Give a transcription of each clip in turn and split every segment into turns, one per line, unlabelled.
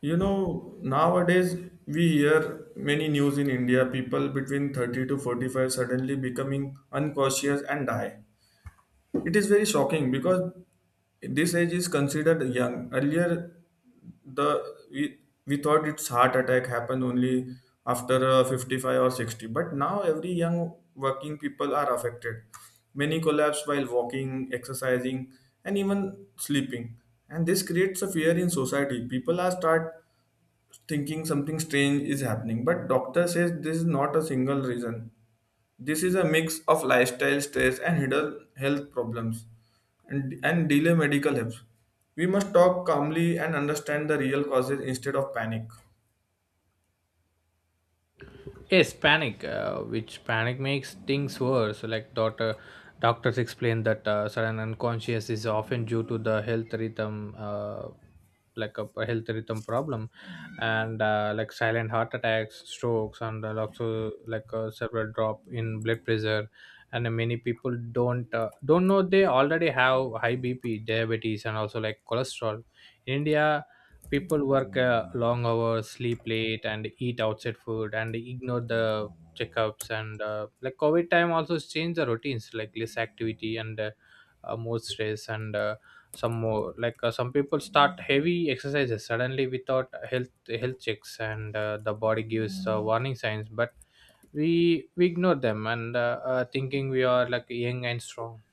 You know, nowadays we hear many news in India, people between 30 to 45 suddenly becoming unconscious and die. It is very shocking because this age is considered young. Earlier, the we, we thought it's heart attack happen only after 55 or 60, but now every young working people are affected. Many collapse while walking, exercising, and even sleeping. And this creates a fear in society. People are start thinking something strange is happening, but doctor says this is not a single reason. This is a mix of lifestyle stress and hidden health problems and delay medical help. We must talk calmly and understand the real causes instead of panic.
Yes, panic, which panic makes things worse. Like doctors explain that sudden unconscious is often due to the health rhythm, like a health rhythm problem, and like silent heart attacks, strokes, and also like a several drop in blood pressure. And many people don't know they already have high BP, diabetes, and also like cholesterol. In India, people work long hours, sleep late, and eat outside food, and ignore the checkups. And like covid time also change the routines, like less activity and more stress and some more, like some people start heavy exercises suddenly without health checks. And the body gives warning signs, but we we ignore them, and thinking we are like young and strong.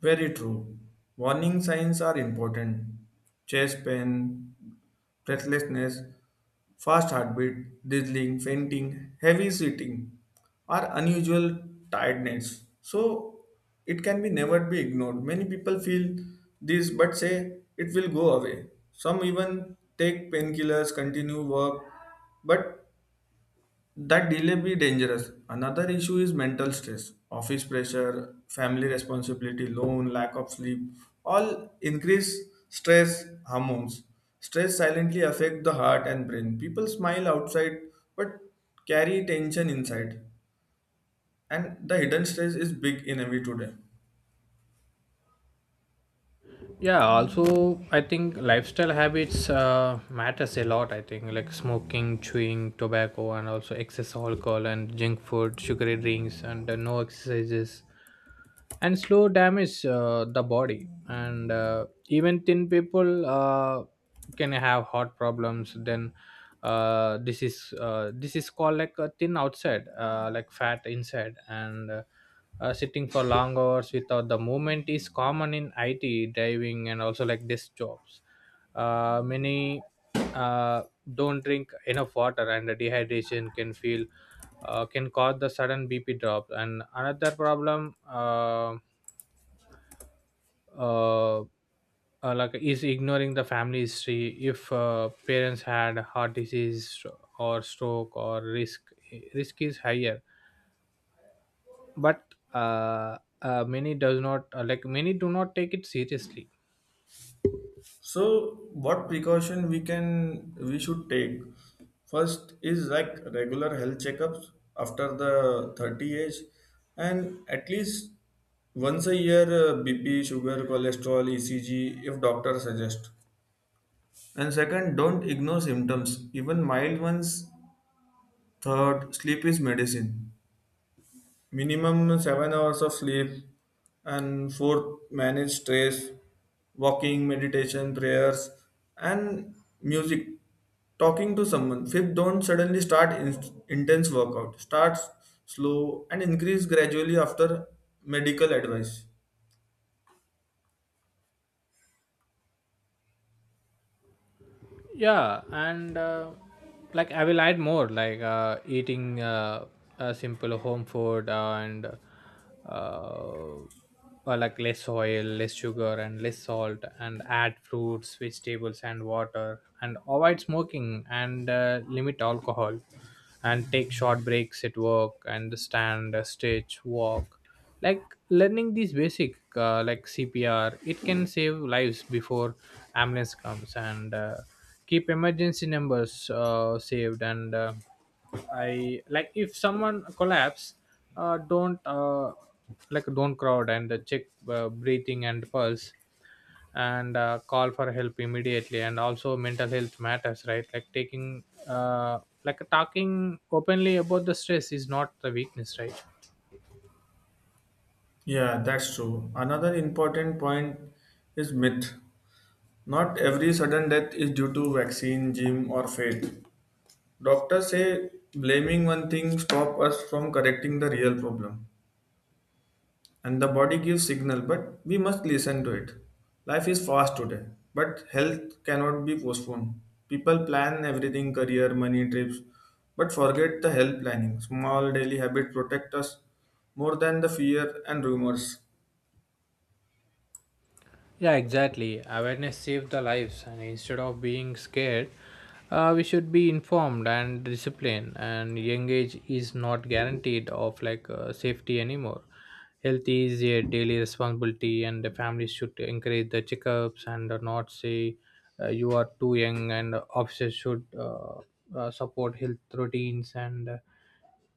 Very true. Warning signs are important: chest pain, breathlessness, fast heartbeat, dizzying, fainting, heavy sweating, or unusual tiredness. So it can be never be ignored. Many people feel this but say it will go away. Some even take painkillers, continue work, but that delay be dangerous. Another issue is mental stress, office pressure, family responsibility, loan, lack of sleep, all increase stress hormones. Stress silently affect the heart and brain. People smile outside but carry tension inside. And the hidden stress is big in every today.
Yeah, also I think lifestyle habits matters a lot. I think like smoking, chewing tobacco, and also excess alcohol and junk food, sugary drinks, and no exercises, and slow damage the body. And even thin people can have heart problems. Then this is called like a thin outside, like fat inside. And sitting for long hours without the movement is common in it, driving and also like desk jobs. Many uh, don't drink enough water, and dehydration can feel, can cause the sudden BP drop. And another problem, uh, like is ignoring the family history. If parents had heart disease or stroke, or risk is higher. But many does not, like many do not take it seriously.
So, what precaution we should take? First is like regular health checkups after the 30 age, and at least once a year, BP, sugar, cholesterol, ECG if doctor suggest. And second, don't ignore symptoms, even mild ones. Third, sleep is medicine. Minimum 7 hours of sleep. And fourth, manage stress, walking, meditation, prayers, and music, talking to someone. Fifth, don't suddenly start intense workout. Start slow and increase gradually after medical advice.
Yeah, and like I will add more, like eating a simple home food and uh, or like less oil, less sugar, and less salt, and add fruits, vegetables, and water, and avoid smoking and limit alcohol and take short breaks at work and stand, stretch, walk. Like learning these basic, like cpr, it can save lives before ambulance comes. And keep emergency numbers saved. And I like if someone collapse, don't, like don't crowd, and check breathing and pulse, and call for help immediately. And also mental health matters, right? Like taking, like talking openly about the stress is not the weakness, right?
Yeah, that's true. Another important point is myth. Not every sudden death is due to vaccine, gym, or fate. Doctors say blaming one thing stop us from correcting the real problem. And the body gives signal, but we must listen to it. Life is fast today, but health cannot be postponed. People plan everything, career, money, trips, but forget the health planning. Small daily habit protect us more than the fear and rumors.
Yeah, exactly. Awareness saves the lives, and instead of being scared, we should be informed and disciplined. And young age is not guaranteed of, like, safety anymore. Health is a daily responsibility, and the families should encourage the checkups and not say, you are too young. And officers should, support health routines. And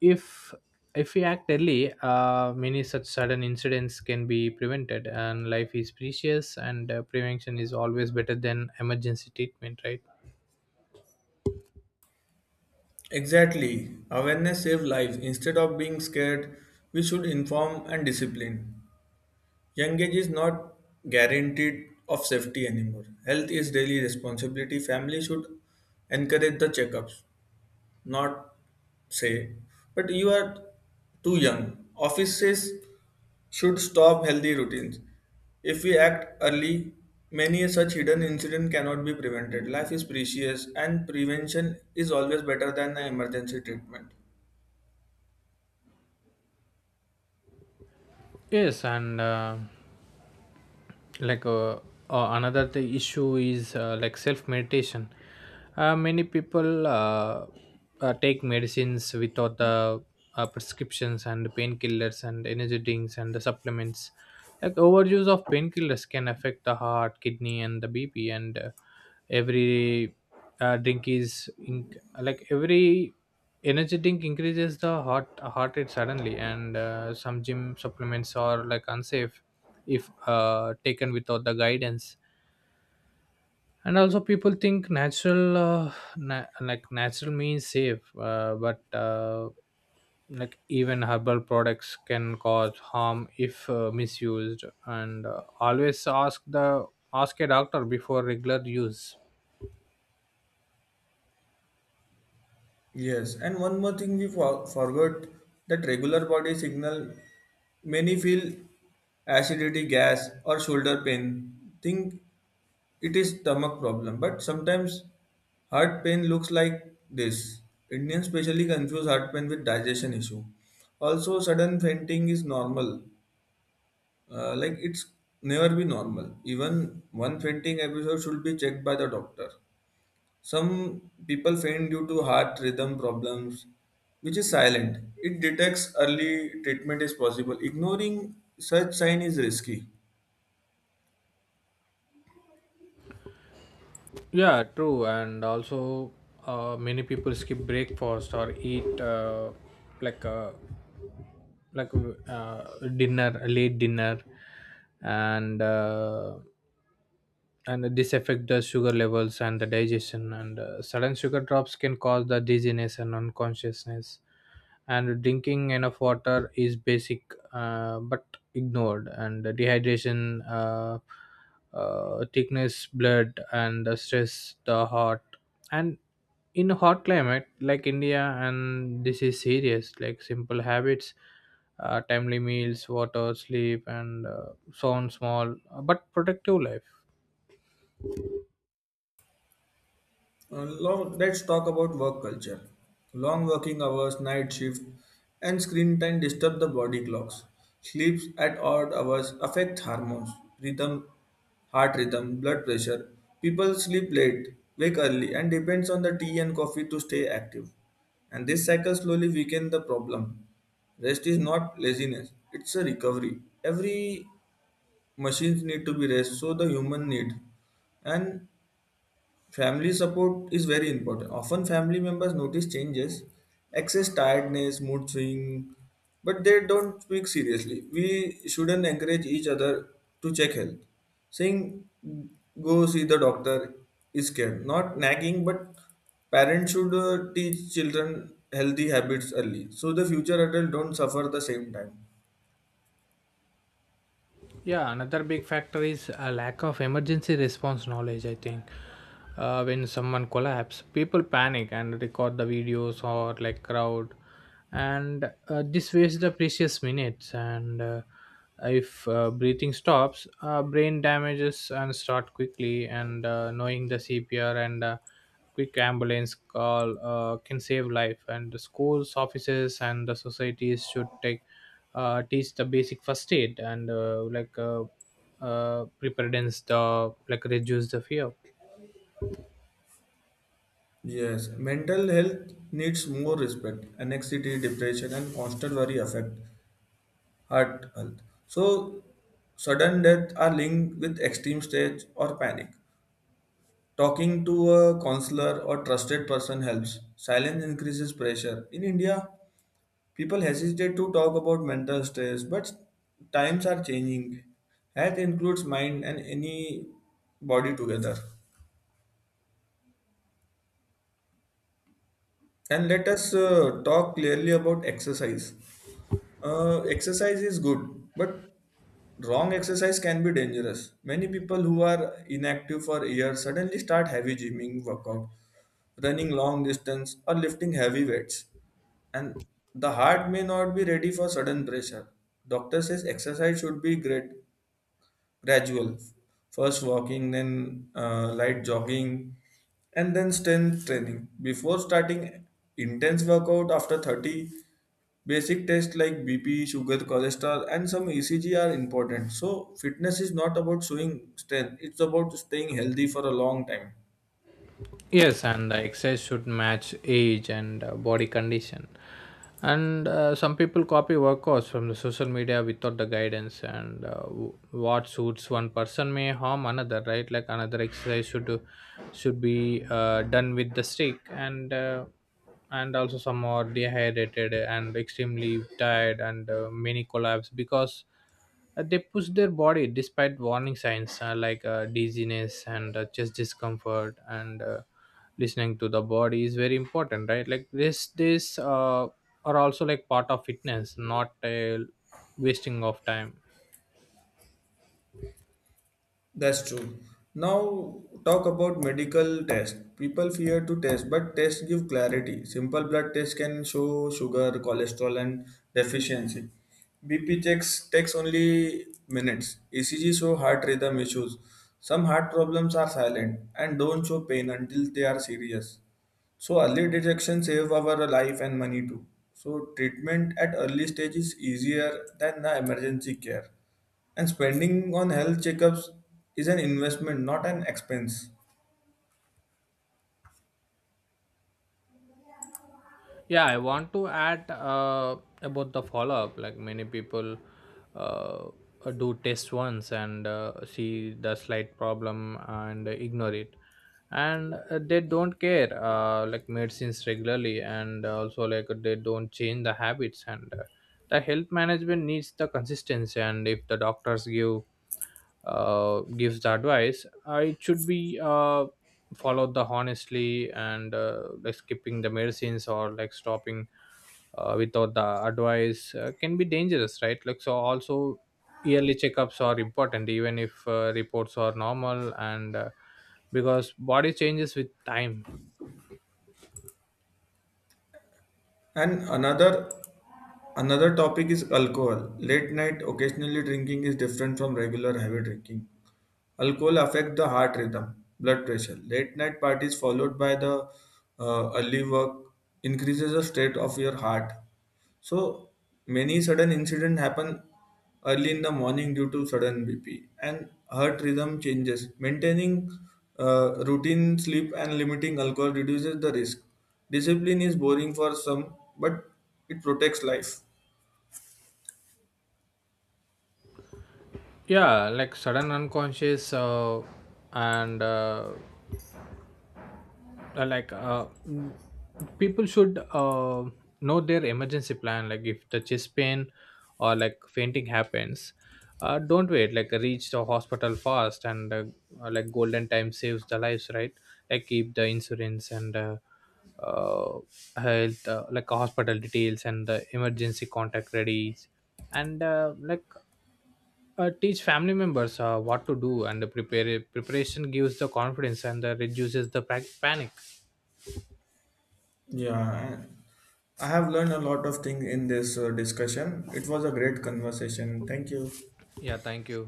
if if we act early, many such sudden incidents can be prevented, and life is precious, and prevention is always better than emergency treatment, right?
Exactly. Awareness save lives. Instead of being scared, we should inform and discipline. Young age is not guaranteed of safety anymore. Health is daily responsibility. Family should encourage the checkups, not say, but you are too young. Offices should stop healthy routines. If we act early, many such hidden incidents cannot be prevented. Life is precious and prevention is always better than an emergency treatment.
Yes, and like uh, another the issue is, like self meditation. Many people, take medicines without the prescriptions, and painkillers and energy drinks and the supplements. Like overuse of painkillers can affect the heart, kidney, and the bp. And every like every energy drink increases the heart rate suddenly. And some gym supplements are like unsafe if taken without the guidance. And also people think natural, like natural means safe, but like even herbal products can cause harm if misused. And always ask a doctor before regular use.
Yes, and one more thing we forgot, that regular body signal many feel acidity, gas, or shoulder pain. Think it is stomach problem, but sometimes heart pain looks like this. Indians specially confuse heart pain with digestion issue. Also, sudden fainting is normal. Like, it's never be normal. Even one fainting episode should be checked by the doctor. Some people faint due to heart rhythm problems, which is silent. It detects early treatment is possible. Ignoring such sign is risky.
Yeah, true. And also many people skip breakfast or eat, like uh, like uh, dinner, late dinner, and uh, and this affect the sugar levels and the digestion. And sudden sugar drops can cause the dizziness and unconsciousness. And drinking enough water is basic, but ignored. And dehydration, thickness blood and the stress the heart. And in a hot climate like india, and this is serious. Like simple habits, timely meals, water, sleep, and so on, small but productive life.
Let's talk about work culture. Long working hours, night shift, and screen time disturb the body clocks. Sleeps at odd hours affect hormones, rhythm, heart rhythm, blood pressure. People sleep late, wake early, and depends on the tea and coffee to stay active. And this cycle slowly weakens the problem. Rest is not laziness; it's a recovery. Every machines need to be rest so the human need. And family support is very important. Often, family members notice changes, excess tiredness, mood swing, but they don't speak seriously. We shouldn't encourage each other to check health. Saying, go see the doctor is care. Not nagging, but parents should teach children healthy habits early so the future adult don't suffer the same time.
Yeah, another big factor is a lack of emergency response knowledge. I think when someone collapses, people panic and record the videos or like crowd, and this wastes the precious minutes. And if breathing stops, brain damages and start quickly. And knowing the CPR and quick ambulance call can save life. And the schools, offices, and the societies should take, teach the basic first aid and preparedness, the, like, reduce the fear.
Yes, mental health needs more respect. Anxiety, depression, and constant worry affect heart health. So, sudden death are linked with extreme stage or panic. Talking to a counselor or trusted person helps. Silence increases pressure. In India, people hesitate to talk about mental stress, but times are changing. Health includes mind and any body together. And let us talk clearly about exercise. Exercise is good, but wrong exercise can be dangerous. Many people who are inactive for years suddenly start heavy gymming workout, running long distance, or lifting heavy weights, and the heart may not be ready for sudden pressure. Doctor says exercise should be great, gradual. First walking, then light jogging, and then strength training. Before starting intense workout after 30, basic tests like BP, sugar, cholesterol, and some ECG are important. So, fitness is not about showing strength, it's about staying healthy for a long time.
Yes, and the exercise should match age and body condition. And some people copy workouts from the social media without the guidance. And what suits one person may harm another, right? Like another exercise should be done with the stick. And also some are dehydrated and extremely tired. And many collapse because they push their body despite warning signs, dizziness and chest discomfort. And listening to the body is very important, right? Like this are also like part of fitness, not a wasting of time.
That's true. Now, talk about medical tests. People fear to test, but tests give clarity. Simple blood tests can show sugar, cholesterol, and deficiency. BP checks takes only minutes. ECG show heart rhythm issues. Some heart problems are silent and don't show pain until they are serious. So early detection save our life and money too. So treatment at early stage is easier than the emergency care. And spending on health checkups is an investment, not an expense.
Yeah, I want to add about the follow up. Like many people uh, do test once and see the slight problem and ignore it, and they don't care. Like medicines regularly, and also like they don't change the habits. And the health management needs the consistency. And if the doctors gives the advice, it should be followed the honestly. And like skipping the medicines or like stopping without the advice can be dangerous, right? Like so also yearly checkups are important, even if reports are normal, and because body changes with time.
And another topic is alcohol. Late night occasionally drinking is different from regular heavy drinking. Alcohol affect the heart rhythm, blood pressure. Late night parties followed by the early work increases the state of your heart. So many sudden incidents happen early in the morning due to sudden BP and heart rhythm changes. Maintaining routine sleep and limiting alcohol reduces the risk. Discipline is boring for some, but it protects life.
Yeah, like sudden unconscious, and like people should, know their emergency plan. Like if the chest pain or like fainting happens, don't wait, like reach the hospital fast. And like golden time saves the lives, right? Like keep the insurance and uh, health, like hospital details and the emergency contact ready. And teach family members what to do and prepare preparation gives the confidence and reduces the panic.
Yeah, I have learned a lot of things in this discussion. It was a great conversation. Thank you.
Yeah, thank you.